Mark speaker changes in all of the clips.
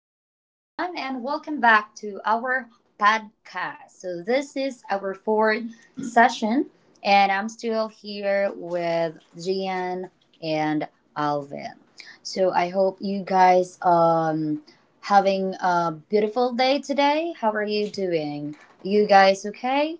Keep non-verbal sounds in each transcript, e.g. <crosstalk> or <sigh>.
Speaker 1: Hello, everyone, and welcome back to our podcast. So, this is our fourth session, and I'm still here with Gian and Alvin. So, I hope you guys having a beautiful day today. How are you doing? You guys okay?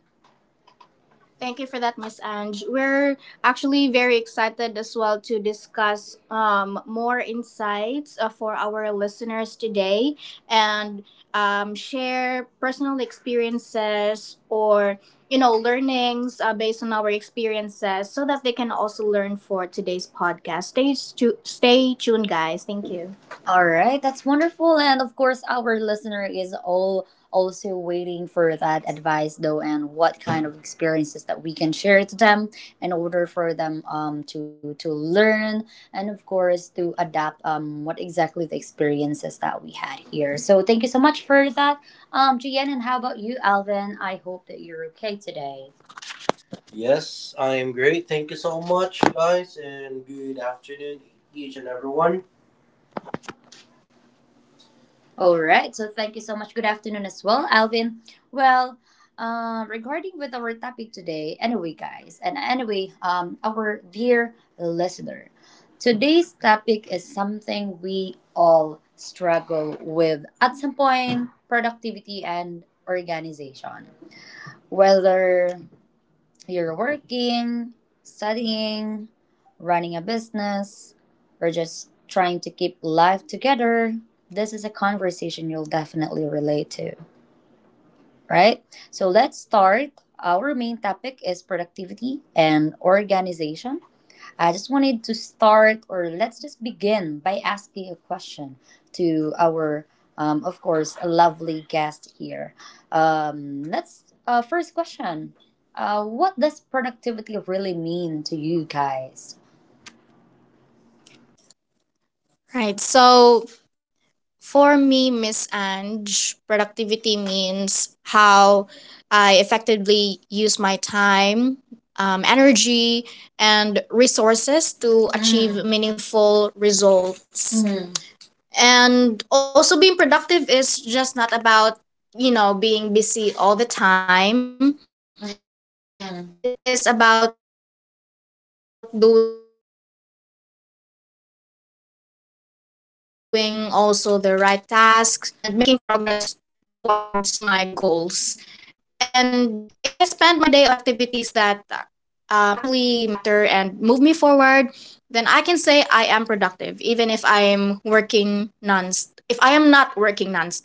Speaker 1: Thank you for that, Miss Ange. We're actually very excited as well to discuss more insights for our listeners today and share personal experiences or learnings based on our experiences so that they can also learn for today's podcast. Stay tuned, guys. Thank you. All right, that's wonderful. And of course, our listener is all also waiting for that advice though, and what kind of experiences that we can share to them in order for them to learn, and of course to adapt what exactly the experiences that we had here. So thank you so much for that, Gian. And how about you, Alvin? I hope that you're okay today. Yes, I am great. Thank you so much, guys, and good afternoon, each and everyone. All right. So thank you so much. Good afternoon as well, Alvin. Well, regarding with our topic today, anyway, guys, and anyway, our dear listener, today's topic is something we all struggle with at some point: productivity and organization. Whether you're working, studying, running a business, or just trying to keep life together, this is a conversation you'll definitely relate to, right? So let's start. Our main topic is productivity and organization. I just wanted to start, or let's just begin by asking a question to our, of course, lovely guest here. Let's, first question. What does productivity really mean to you guys?
Speaker 2: Right. So for me, Miss Ange, productivity means how I effectively use my time, energy, and resources to achieve meaningful results. And also, being productive is just not about being busy all the time. It is about doing also the right tasks, completing them efficiently, and making progress towards my goals. And if I spend my day on activities that actually matter and move me forward, then I can say I am productive, even if I am working non. If I am not working nonstop.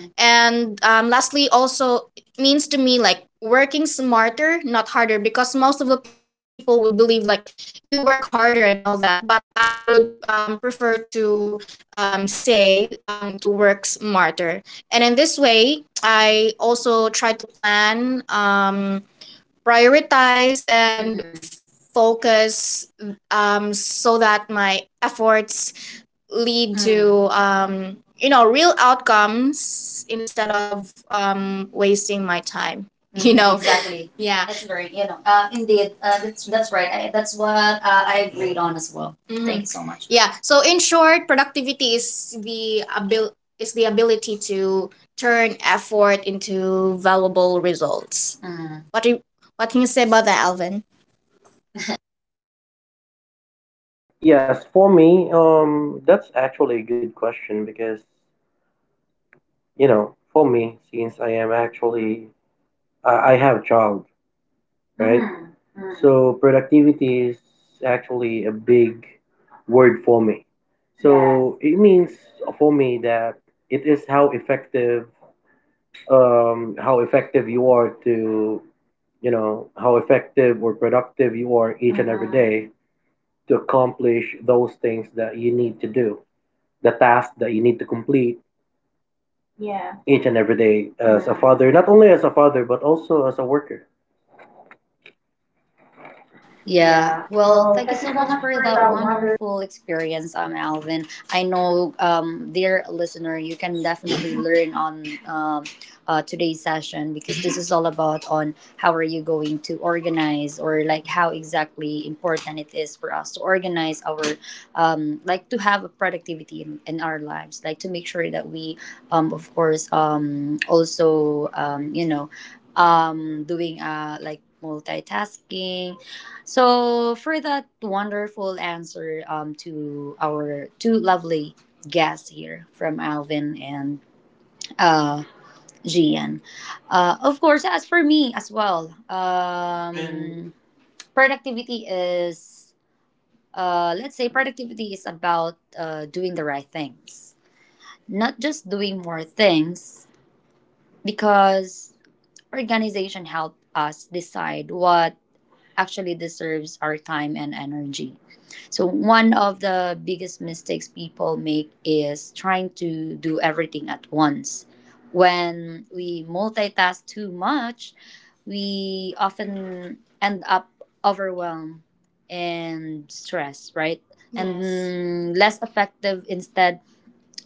Speaker 2: And lastly, also it means to me like working smarter, not harder, because most of the people would believe like you work harder and all that. But I would prefer to say to work smarter. And in this way, I also try to plan, prioritize, and focus so that my efforts lead to real outcomes instead of wasting my time <laughs> you know yeah. Mhm. Yeah so in short, productivity is is the ability to turn effort into valuable results. what do you, what can you say about that, Alvin?
Speaker 3: Yes, for me, that's actually a good question because, you know, for me, since I am actually, I have child, right? Mm. So productivity is actually a big word for me. Yes. So yes, it means for me that it is how effective you are to, you know, how effective or productive you are each and every day to accomplish those things that you need to do. The task that you need to complete, yeah, each and every day as a, mhm, father, not only as a father but also as a worker.
Speaker 1: Yeah,
Speaker 3: Yeah.
Speaker 1: well,
Speaker 3: Well,
Speaker 1: thank you
Speaker 3: thank you
Speaker 1: so
Speaker 3: so
Speaker 1: much
Speaker 3: much
Speaker 1: for
Speaker 3: for
Speaker 1: that
Speaker 3: that wonder.
Speaker 1: wonderful experience, Alvin. I know, dear listener, you can definitely <coughs> <laughs> learn on today's session, because this is all about on how are you going to organize, or like how exactly important it is for us to organize our, like to have a productivity in our lives, like to make sure that we, of course, also, doing like multitasking. So for that wonderful answer, to our two lovely guests here, from Alvin and uh, Gian. Of course, as for me as well, productivity is, let's say productivity is about doing the right things. Not just doing more things, because organization help us decide what actually deserves our time and energy. So, one of the biggest mistakes people make is trying to do everything at once. When we multitask too much, we often end up overwhelmed and stressed, right? Yes. And less effective instead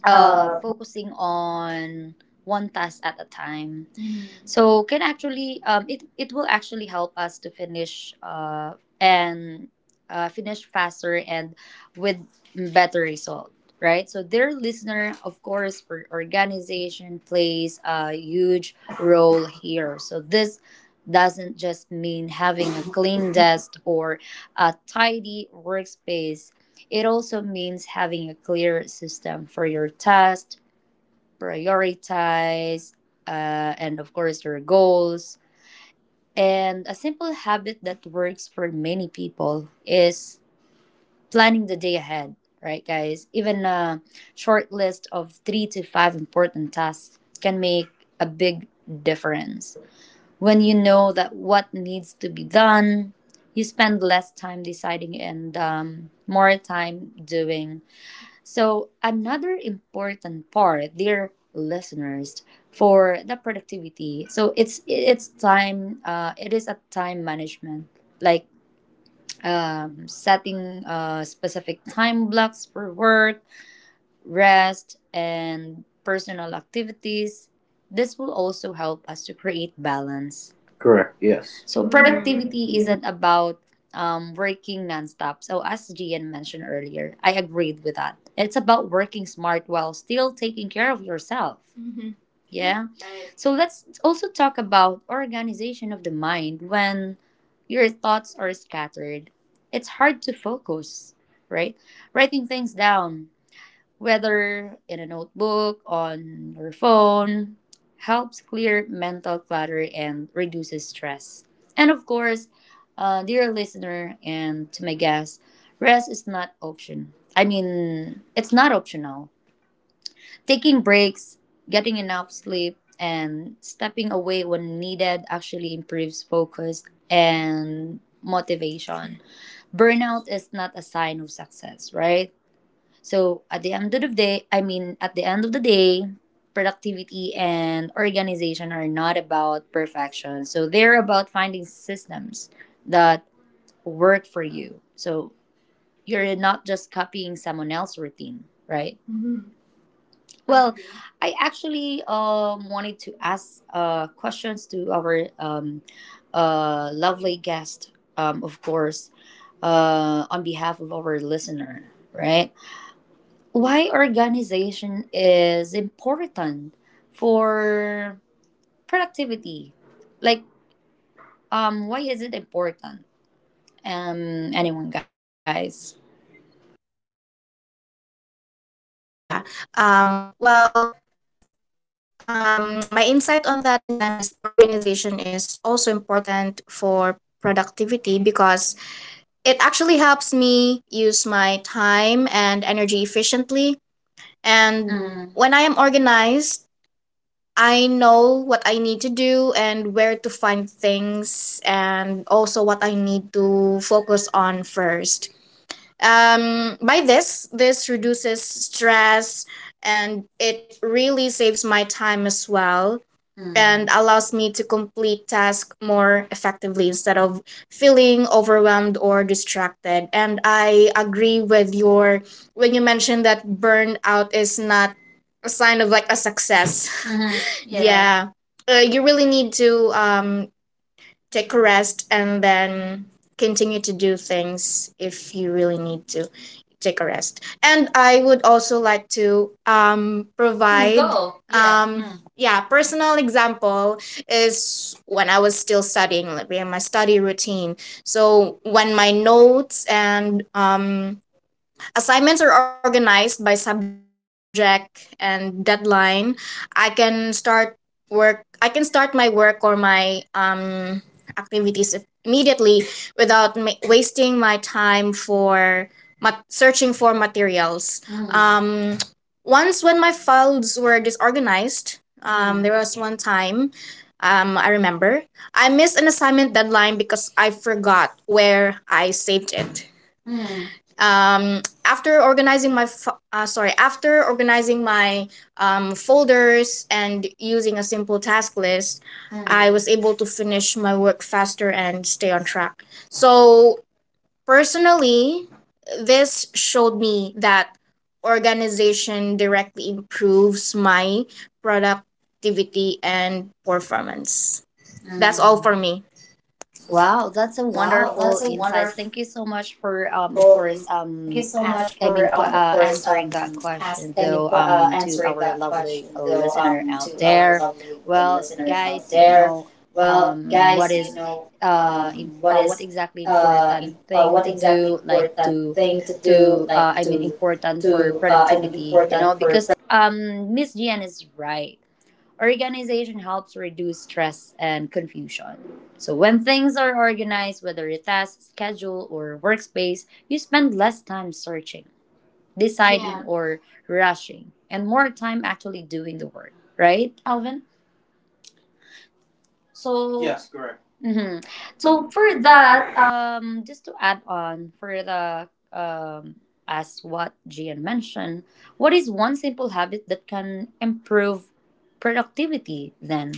Speaker 3: Uh,
Speaker 1: focusing on one task at a time. Mm. So can actually it will actually help us to finish and finish faster and with better result, right? So their listener, of course, for organization plays a huge role here. So this doesn't just mean having a clean desk or a tidy workspace, it also means having a clear system for your tasks, prioritize, and of course, your goals. And a simple habit that works for many people is planning the day ahead, right, guys? Even a short list of three to five important tasks can make a big difference. When you know that what needs to be done, you spend less time deciding and more time doing. So, another important part, dear listeners, for the productivity. So it's time. It is a time management, like setting specific time blocks for work, rest, and personal activities. This will also help us to create balance. Correct.
Speaker 3: Correct. Yes,
Speaker 1: Yes. So
Speaker 3: productivity.
Speaker 1: productivity isn't about working nonstop. So as Gian mentioned earlier, I agreed with that. It's about working smart while still taking care of yourself. Mm-hmm. Yeah. So let's also talk about organization of the mind. When your thoughts are scattered, it's hard to focus, right? Writing things down, whether in a notebook, on your phone, helps clear mental clutter and reduces stress. And of course, dear listener and to my guests, rest is not option. I mean, it's not optional. Taking breaks, getting enough sleep, and stepping away when needed actually improves focus and motivation. Burnout is not a sign of success, right? So at the end of the day, I mean, at the end of the day, productivity and organization are not about perfection. So they're about finding systems that work for you. So you're not just copying someone else's routine, right? Well, I actually wanted to ask questions to our lovely guest, of course, on behalf of our listener, right? Why organization is important for productivity, like why is it important? Anyone, guys?
Speaker 2: yeah um well my insight on that, Miss Angie's, organization is also important for productivity because it actually helps me use my time and energy efficiently. And when I am organized, I know what I need to do and where to find things, and also what I need to focus on first. By this reduces stress and it really saves my time as well and allows me to complete tasks more effectively instead of feeling overwhelmed or distracted. And I agree with your, when you mentioned that burnout is not a sign of like a success. <laughs> Yeah. You really need to take a rest and then continue to do things. If you really need to take a rest. And I would also like to provide um yeah, personal example. Is when I was still studying, like in my study routine. So when my notes and assignments are organized by subject and deadline, I can start work I can start my work or my activities immediately without wasting my time for searching for materials. Um Once when my files were disorganized, there was one time, I remember, I missed an assignment deadline because I forgot where I saved it. After organizing my fo- sorry after organizing my folders and using a simple task list, I was able to finish my work faster and stay on track. So personally, this showed me that organization directly improves my productivity and performance. That's all for me.
Speaker 1: Wow, that's a wonderful insights. Thank you so much for, of course, ask. I mean, qu- answering that question though, to our lovely listener out there. Well, guys, you know, um, what is, what exactly important thing to do, I mean, important for productivity, you know, because Miss Gian is right. Organization helps reduce stress and confusion. So, when things are organized, whether your task, schedule, or workspace, you spend less time searching, deciding, Yeah, or rushing, and more time actually doing the work, right, Alvin? So, yes, correct. Mm-hmm. So
Speaker 3: So
Speaker 1: for
Speaker 3: for
Speaker 1: that,
Speaker 3: that,
Speaker 1: just to add on for the um, as what Gian mentioned, what is one simple habit that can improve productivity? Then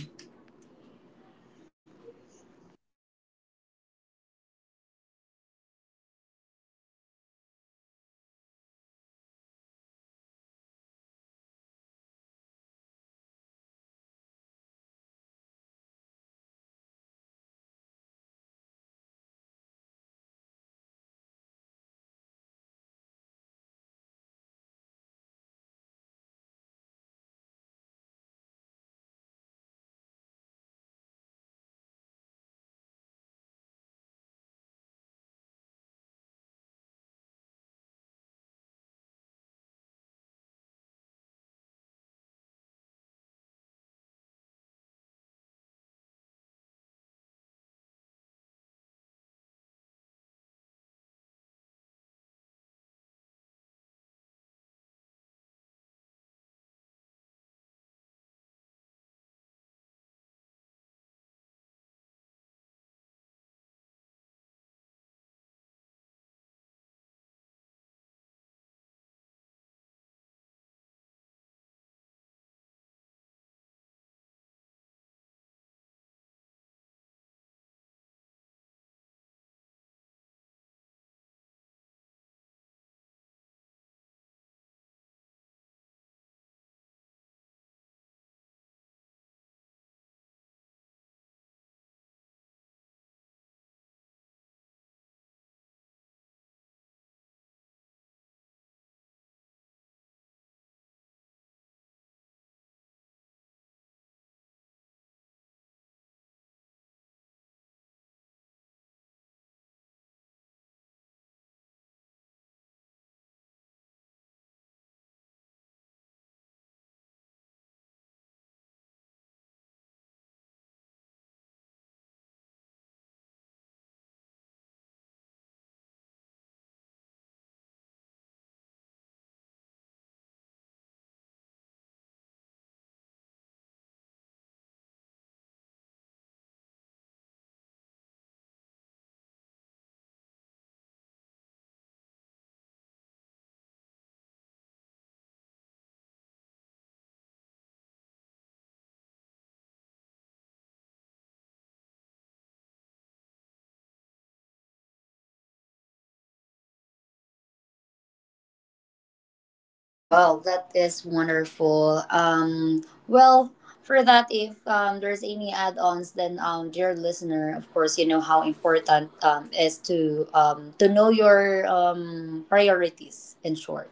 Speaker 1: well, that is wonderful. Well, for that, if there's any add-ons, then dear listener, of course, you know how important is to know your priorities. In short.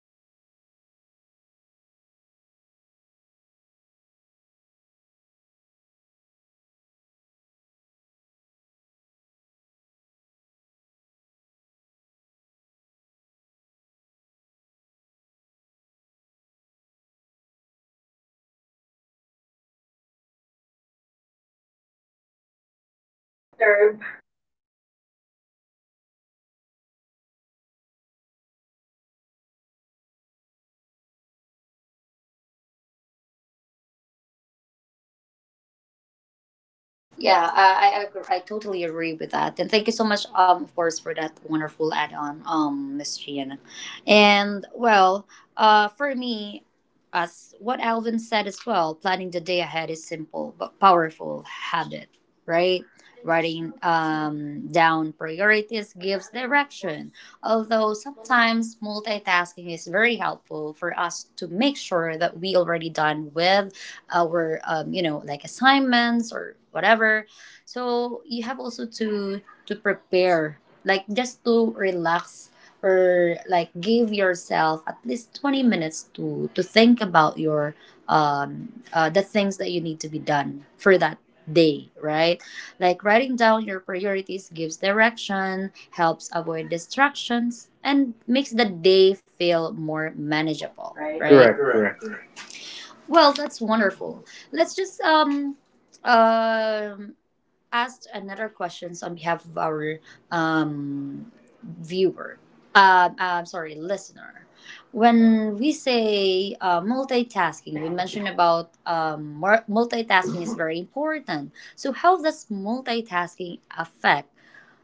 Speaker 2: Yep, that's right. And I would also like to add on the example that Alvin provided, is you need to minimize the distractions, especially in using phone usage, because I noticed that when I keep my phone away or in silent, do not <laughs> disturb, like silence unnecessary notifications. I Correct. I am focused and I finish my task faster and with better quality.
Speaker 1: Yeah, I agree. I totally agree with that. And thank you so much, of course, for that wonderful add-on, Miss Gian. And well, for me, as what Alvin said as well, planning the day ahead is simple but powerful habit, right? Writing down priorities gives direction. Although sometimes multitasking is very helpful for us to make sure that we already done with our like assignments or whatever, so you have also to prepare, like just to relax or like give yourself at least 20 minutes to think about your the things that you need to be done for that day, right? Like writing down your priorities gives direction, helps avoid distractions, and makes the day feel more manageable, right? Correct. Well, that's wonderful. Let's just um ask another questions on behalf of our um viewer. Listener. When we say multitasking, we mentioned about multitasking is very important. So, how does multitasking affect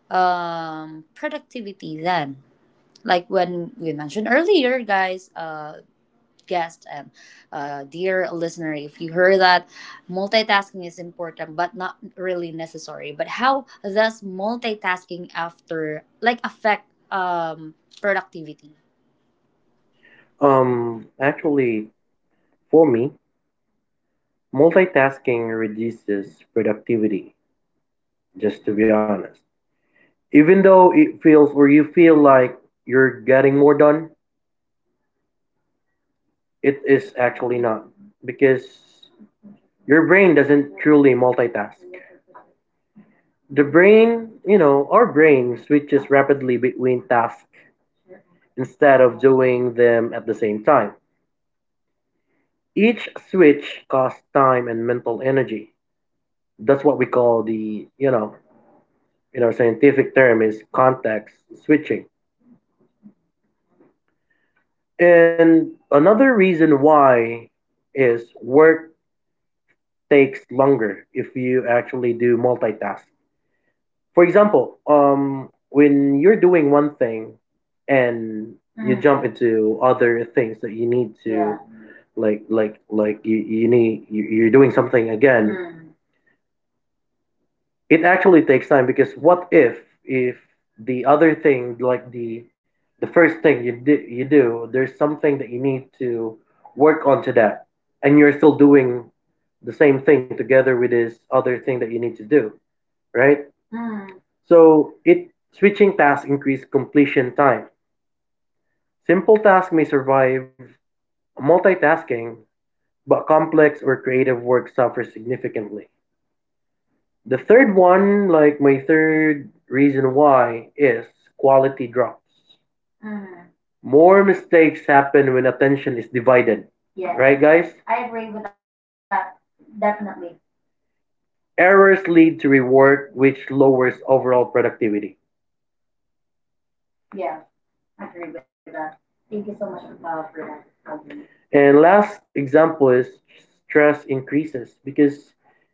Speaker 1: productivity then? Like when we mentioned earlier, guys, guest, and dear listener, if you heard that multitasking is important but not really necessary, but how does multitasking after like affect productivity? Um,
Speaker 3: Actually, for me, multitasking reduces productivity, just to be honest. Even though it feels or you feel like you're getting more done, it is actually not because your brain doesn't truly multitask. The brain, you know, our brain switches rapidly between tasks instead of doing them at the same time. Each switch costs time and mental energy. That's what we call the, you know, in our scientific term is context switching. And another reason why is work takes longer if you actually do multitask. For example, when you're doing one thing and you jump into other things that you need to, like you need you're doing something again. Mm, it actually takes time because what if the other thing, like the first thing you do, you do, there's something that you need to work on to that, and you're still doing the same thing together with this other thing that you need to do, right? So it, switching tasks increase completion time. Simple tasks may survive multitasking, but complex or creative work suffers significantly. The third one, like my third reason why, is quality drops. More mistakes happen when attention is divided. Yeah. Right, guys? Errors lead to rework, which lowers overall productivity. And last example is stress increases because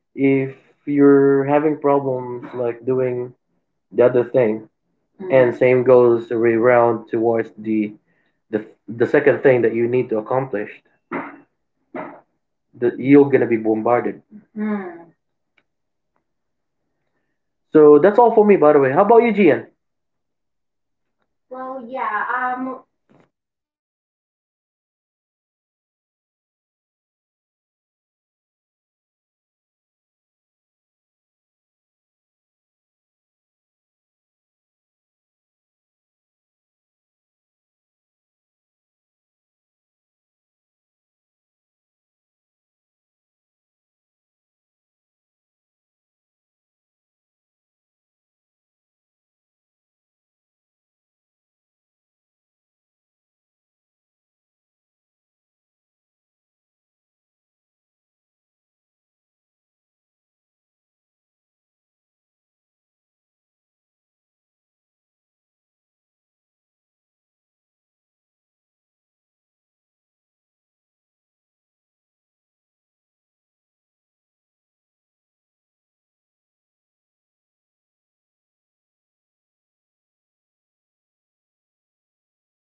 Speaker 3: if you're having problems like doing the other thing, and same goes around towards the second thing that you need to accomplish, the, you're gonna be bombarded. So that's all for me, by the way. How about you, Gian?
Speaker 2: Well, yeah, I would just like to provide insights onto that as well. So, I would agree that multitasking negatively affects my productivity, because as what is being said, it divides the attention and reduces the quality of my work. So when I try to do several tasks at the same time, I often make more mistakes, and I believe both of you, Miss Anj and Alvin, would agree on that. Sometimes when we do multitask, there you will be making like mistakes and take longer to finish everything. And I also believe that our listeners right now would also agree on that at some point. And also, from my experience, when I switch between answering emails, completing reports, and responding to messages at work,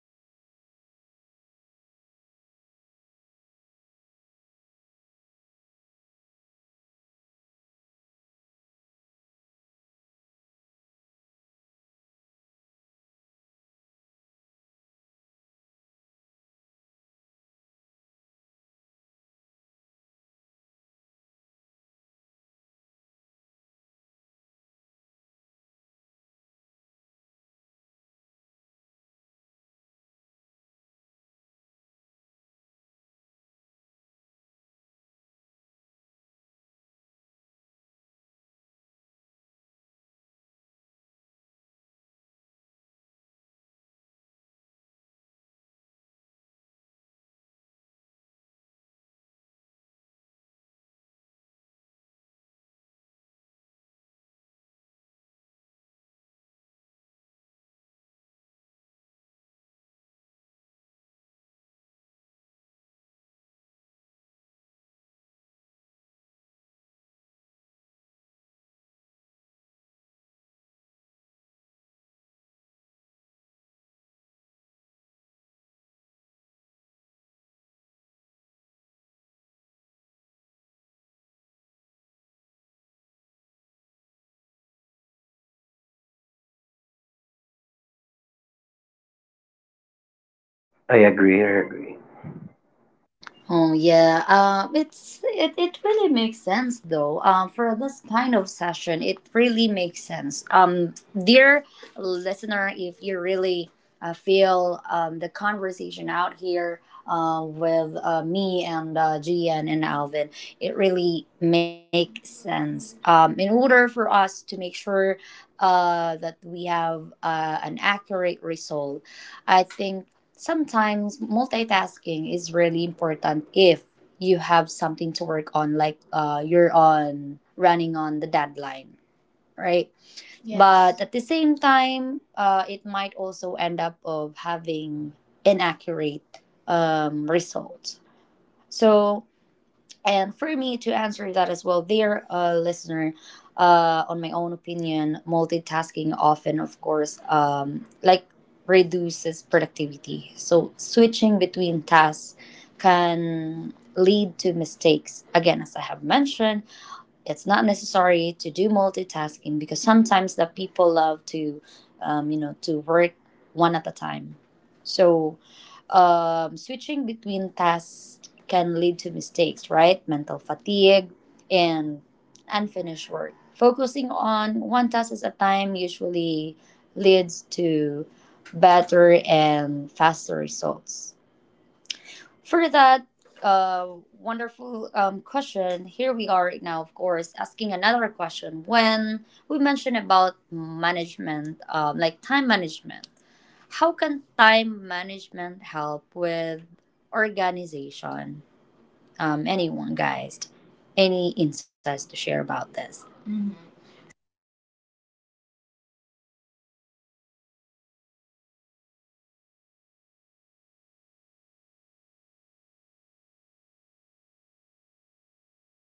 Speaker 2: I really lose focus each time. And instead of saving my time, I feel like I end up, you know, mentally tired and less efficient. And I have also noticed that when I focus on one task at a time, um I can really say it completes I can complete it faster and with better results. So for me, this shows that multitasking lowers my productivity rather than improving it. Yeah. And um also, Miss Ange, um I would like to also provide an example for this. Is when I do my household chores while I'm also checking my phone for work messages. For instance, while I'm washing dishes, I keep picking up my phone to reply to emails or messages from my supervisor. So because my attention is split, then I take longer to finish the dishes, and sometimes I would miss important details provided by my manager or my supervisor. And then again, to connect it to what I mentioned earlier, then I make more mistakes because of that, based on experience. So yeah.
Speaker 3: I agree, I agree.
Speaker 1: Oh yeah, it really makes sense though. For this kind of session, it really makes sense. Dear listener, if you really feel the conversation out here with me and Gian and Alvin, it really makes sense. In order for us to make sure that we have an accurate result, I think sometimes multitasking is really important if you have something to work on, like you're on running on the deadline, right? Yes, but yes, at the same time it might also end up of having inaccurate results. So, and for me to answer that as well, dear listener, on my own opinion, multitasking often, of course, like reduces productivity. So switching between tasks can lead to mistakes. Again, as I have mentioned, it's not necessary to do multitasking, because sometimes the people love to to work one at a time. So switching between tasks can lead to mistakes, right? Mental fatigue and unfinished work. Focusing on one task at a time usually leads to better and faster results. For that, uh, wonderful question, here we are right now, of course, asking another question. When we mentioned about management, like time management, how can time management help with organization? Anyone, guys, any insights to share about this?
Speaker 2: Mm-hmm. Sure. So um time management helps an organization because it allows people to work efficiently.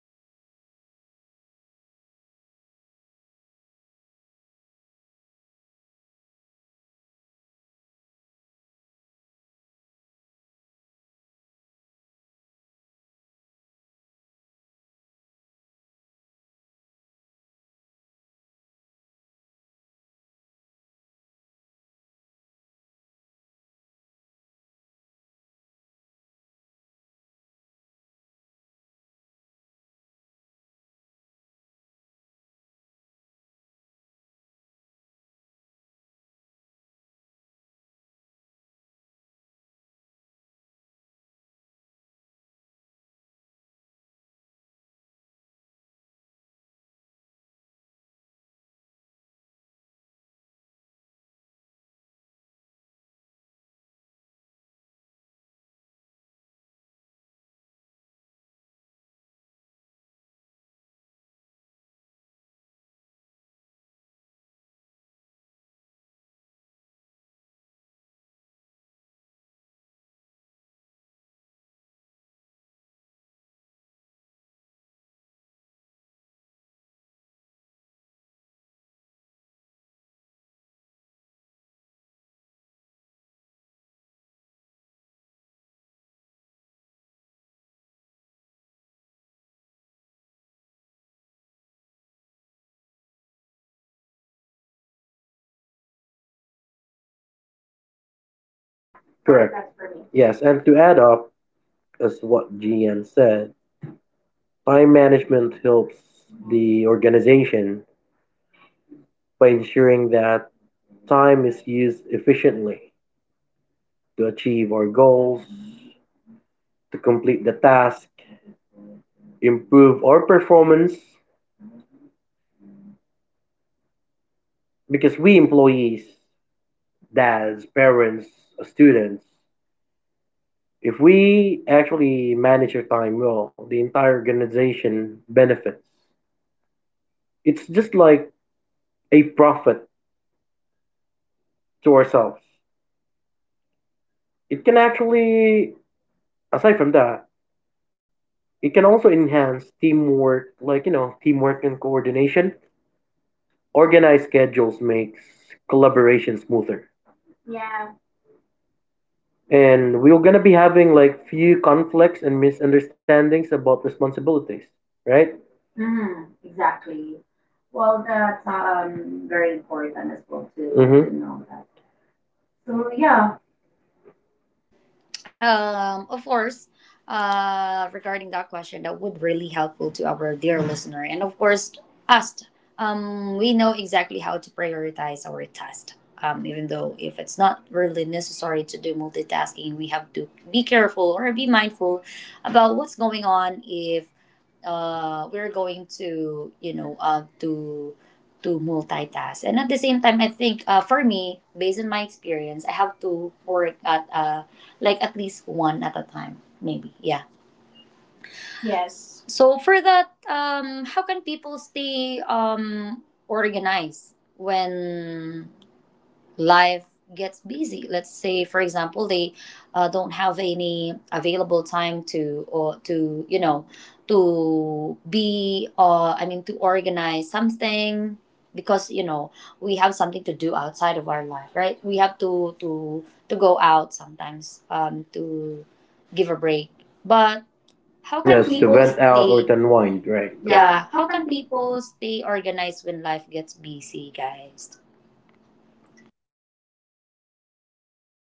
Speaker 2: They meet deadlines and reduce unnecessary stress, based on, you know, the what we mentioned earlier. So when we manage our time well, we can complete our responsibility on schedule, and this also helps the um, organization. This also helps our organization run smoothly and avoid delays. So, from my experience, you know, as a worker, planning my tasks and setting deadlines helped me finish my works on time and maintain good performance. And wow. <laughs> Yeah, so when I organize also my schedule, I can handle like meetings, reports, daily tasks without rushing, and improves the quality of my work and also supports my team. And lastly, you know, as an individual, my, our dear listeners for today, managing my time, this would really helps me stay organized, and it's also less stressed for me. And when I allocate my time for rest, for personal growth and responsibilities, I feel more like, you know, in control and motivated. So overall, my ability to manage time really helps the organization because I am more reliable, focused, should I <laughs> say, and then productive in everything I do.
Speaker 3: Correct.
Speaker 2: Yeah, for sure. That's
Speaker 3: Yes,
Speaker 2: for
Speaker 3: and
Speaker 2: me.
Speaker 3: to add
Speaker 2: Yes, and
Speaker 3: up, as what GN said, time management helps the organization by ensuring that time is used efficiently to achieve our goals, to complete the task, improve our performance, because we employees, dads, parents, students, if we actually manage our time well, the entire organization benefits. It's just like a profit to ourselves. It can actually, aside from that, it can also enhance teamwork, like, you know, teamwork and coordination. Organized schedules makes collaboration smoother. And we're gonna be having like few conflicts and misunderstandings about responsibilities, right? Hmm.
Speaker 1: Of course, regarding that question, that would really helpful to our dear listener, and of course, us. We know exactly how to prioritize our task. Even though if it's not really necessary to do multitasking, we have to be careful or be mindful about what's going on if we're going to to multitask. And at the same time I think for me, based on my experience, I have to work at like at least one at a time, maybe. Yeah. Yes. So for that, how can people stay organized when life gets busy? Let's say for example, they don't have any available time to, or to to be I mean to organize something, because you know we have something to do outside of our life, right? We have to go out sometimes, to give a break. But how can,
Speaker 3: Yes,
Speaker 1: yes, to
Speaker 3: to
Speaker 1: people
Speaker 3: vent
Speaker 1: vent out,
Speaker 3: out or
Speaker 1: stay
Speaker 3: to
Speaker 1: or unwind,
Speaker 3: unwind, right?
Speaker 1: right? Yeah,
Speaker 3: Correct.
Speaker 1: how can people stay organized when life gets busy, guys?
Speaker 2: Um,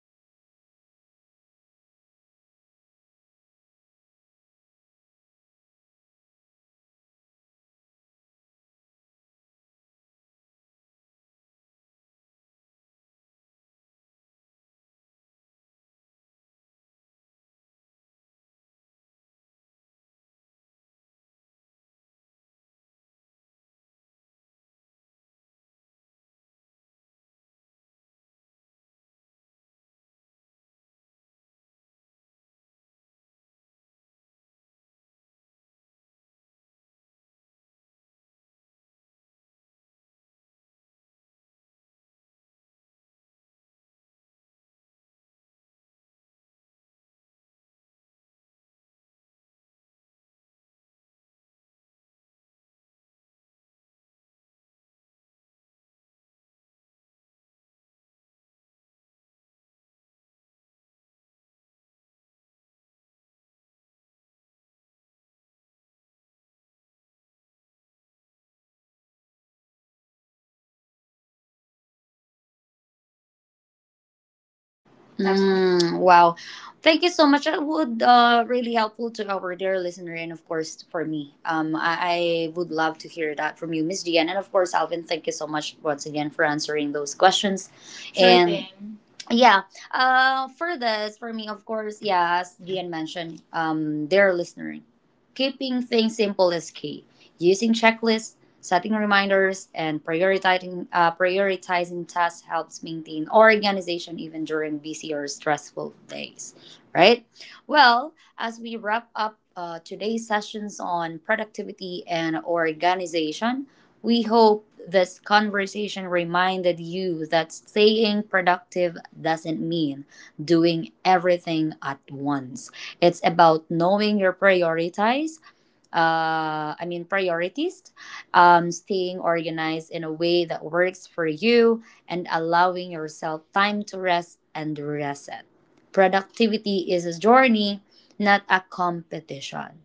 Speaker 2: well, there is like a realistic but less common way people can stay organized, is when life gets busy, is by um designating zones or spaces for specific activities. For example, like I have a spot in my home just for paying bills, another is for work documents, and a small area for my kids or school stuff. And when everything has its place, I don't waste time searching for things or even on chaotic days. And also, I think you also mentioned, Miss Angie, about time blocking, right? Ah, okay, so there, that's also another rare but effective method. The time blocking for mental prep, not just for tasks. For instance, like I take 10 to 15 minutes each morning to mentally walk through my day, like what calls, chores, or deadlines are coming up, like that, before I start anything. So yeah, this approach keeps me functional and calm. Even when life gets hectic, I actually get more done without feeling like I'm constantly juggling.
Speaker 1: That's all.
Speaker 2: That's
Speaker 1: Mm, wow.
Speaker 2: all.
Speaker 1: Thank you so much. That would really helpful to our dear listener and of course for me. I would love to hear that from you, Miss Gian, and of course Alvin. Thank you so much once again for answering those questions. Sure and thing. Yeah, for this, for me, of course, yeah, as Gian mentioned, dear listener, keeping things simple is key. Using checklists, setting reminders, and prioritizing tasks helps maintain organization even during busy or stressful days, right? Well, as we wrap up today's sessions on productivity and organization, we hope this conversation reminded you that staying productive doesn't mean doing everything at once. It's about knowing your priorities, staying organized in a way that works for you, and allowing yourself time to rest and reset. Productivity is a journey, not a competition.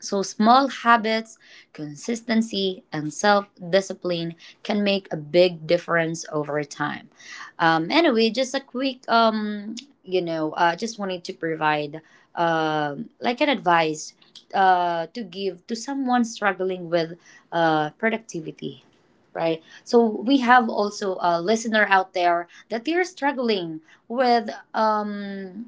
Speaker 1: So, small habits, consistency, and self discipline can make a big difference over time. Anyway, just a quick, just wanted to provide like an advice to give to someone struggling with productivity. Right, so we have also a listener out there that they're struggling with um,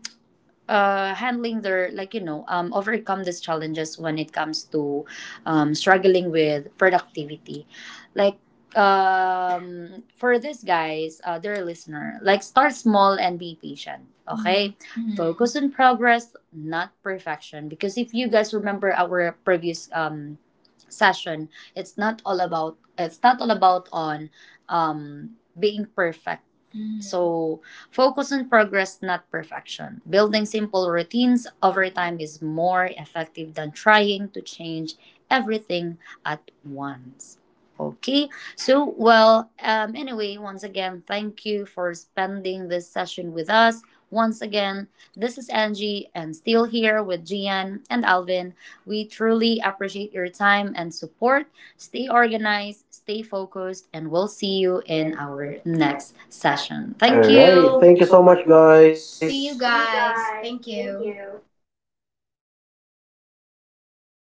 Speaker 1: handling their overcome these challenges when it comes to struggling with productivity. Like for these guys, their listener, like start small and be patient, okay? Mhm. Focus on progress, not perfection, because if you guys remember our previous session, it's not all about on um, being perfect. Mhm. So focus on progress, not perfection. Building simple routines over time is more effective than trying to change everything at once. Okay, so well, anyway, once again, thank you for spending this session with us. Once again, this is Angie, and still here with Gian and Alvin. We truly appreciate your time and support. Stay organized, stay focused, and we'll see you in our next session.
Speaker 3: All
Speaker 1: Thank
Speaker 3: right.
Speaker 1: you. Thank
Speaker 3: Thank
Speaker 1: you
Speaker 3: you
Speaker 1: so
Speaker 3: so much,
Speaker 1: much, guys.
Speaker 3: guys.
Speaker 1: See you guys. Thank you.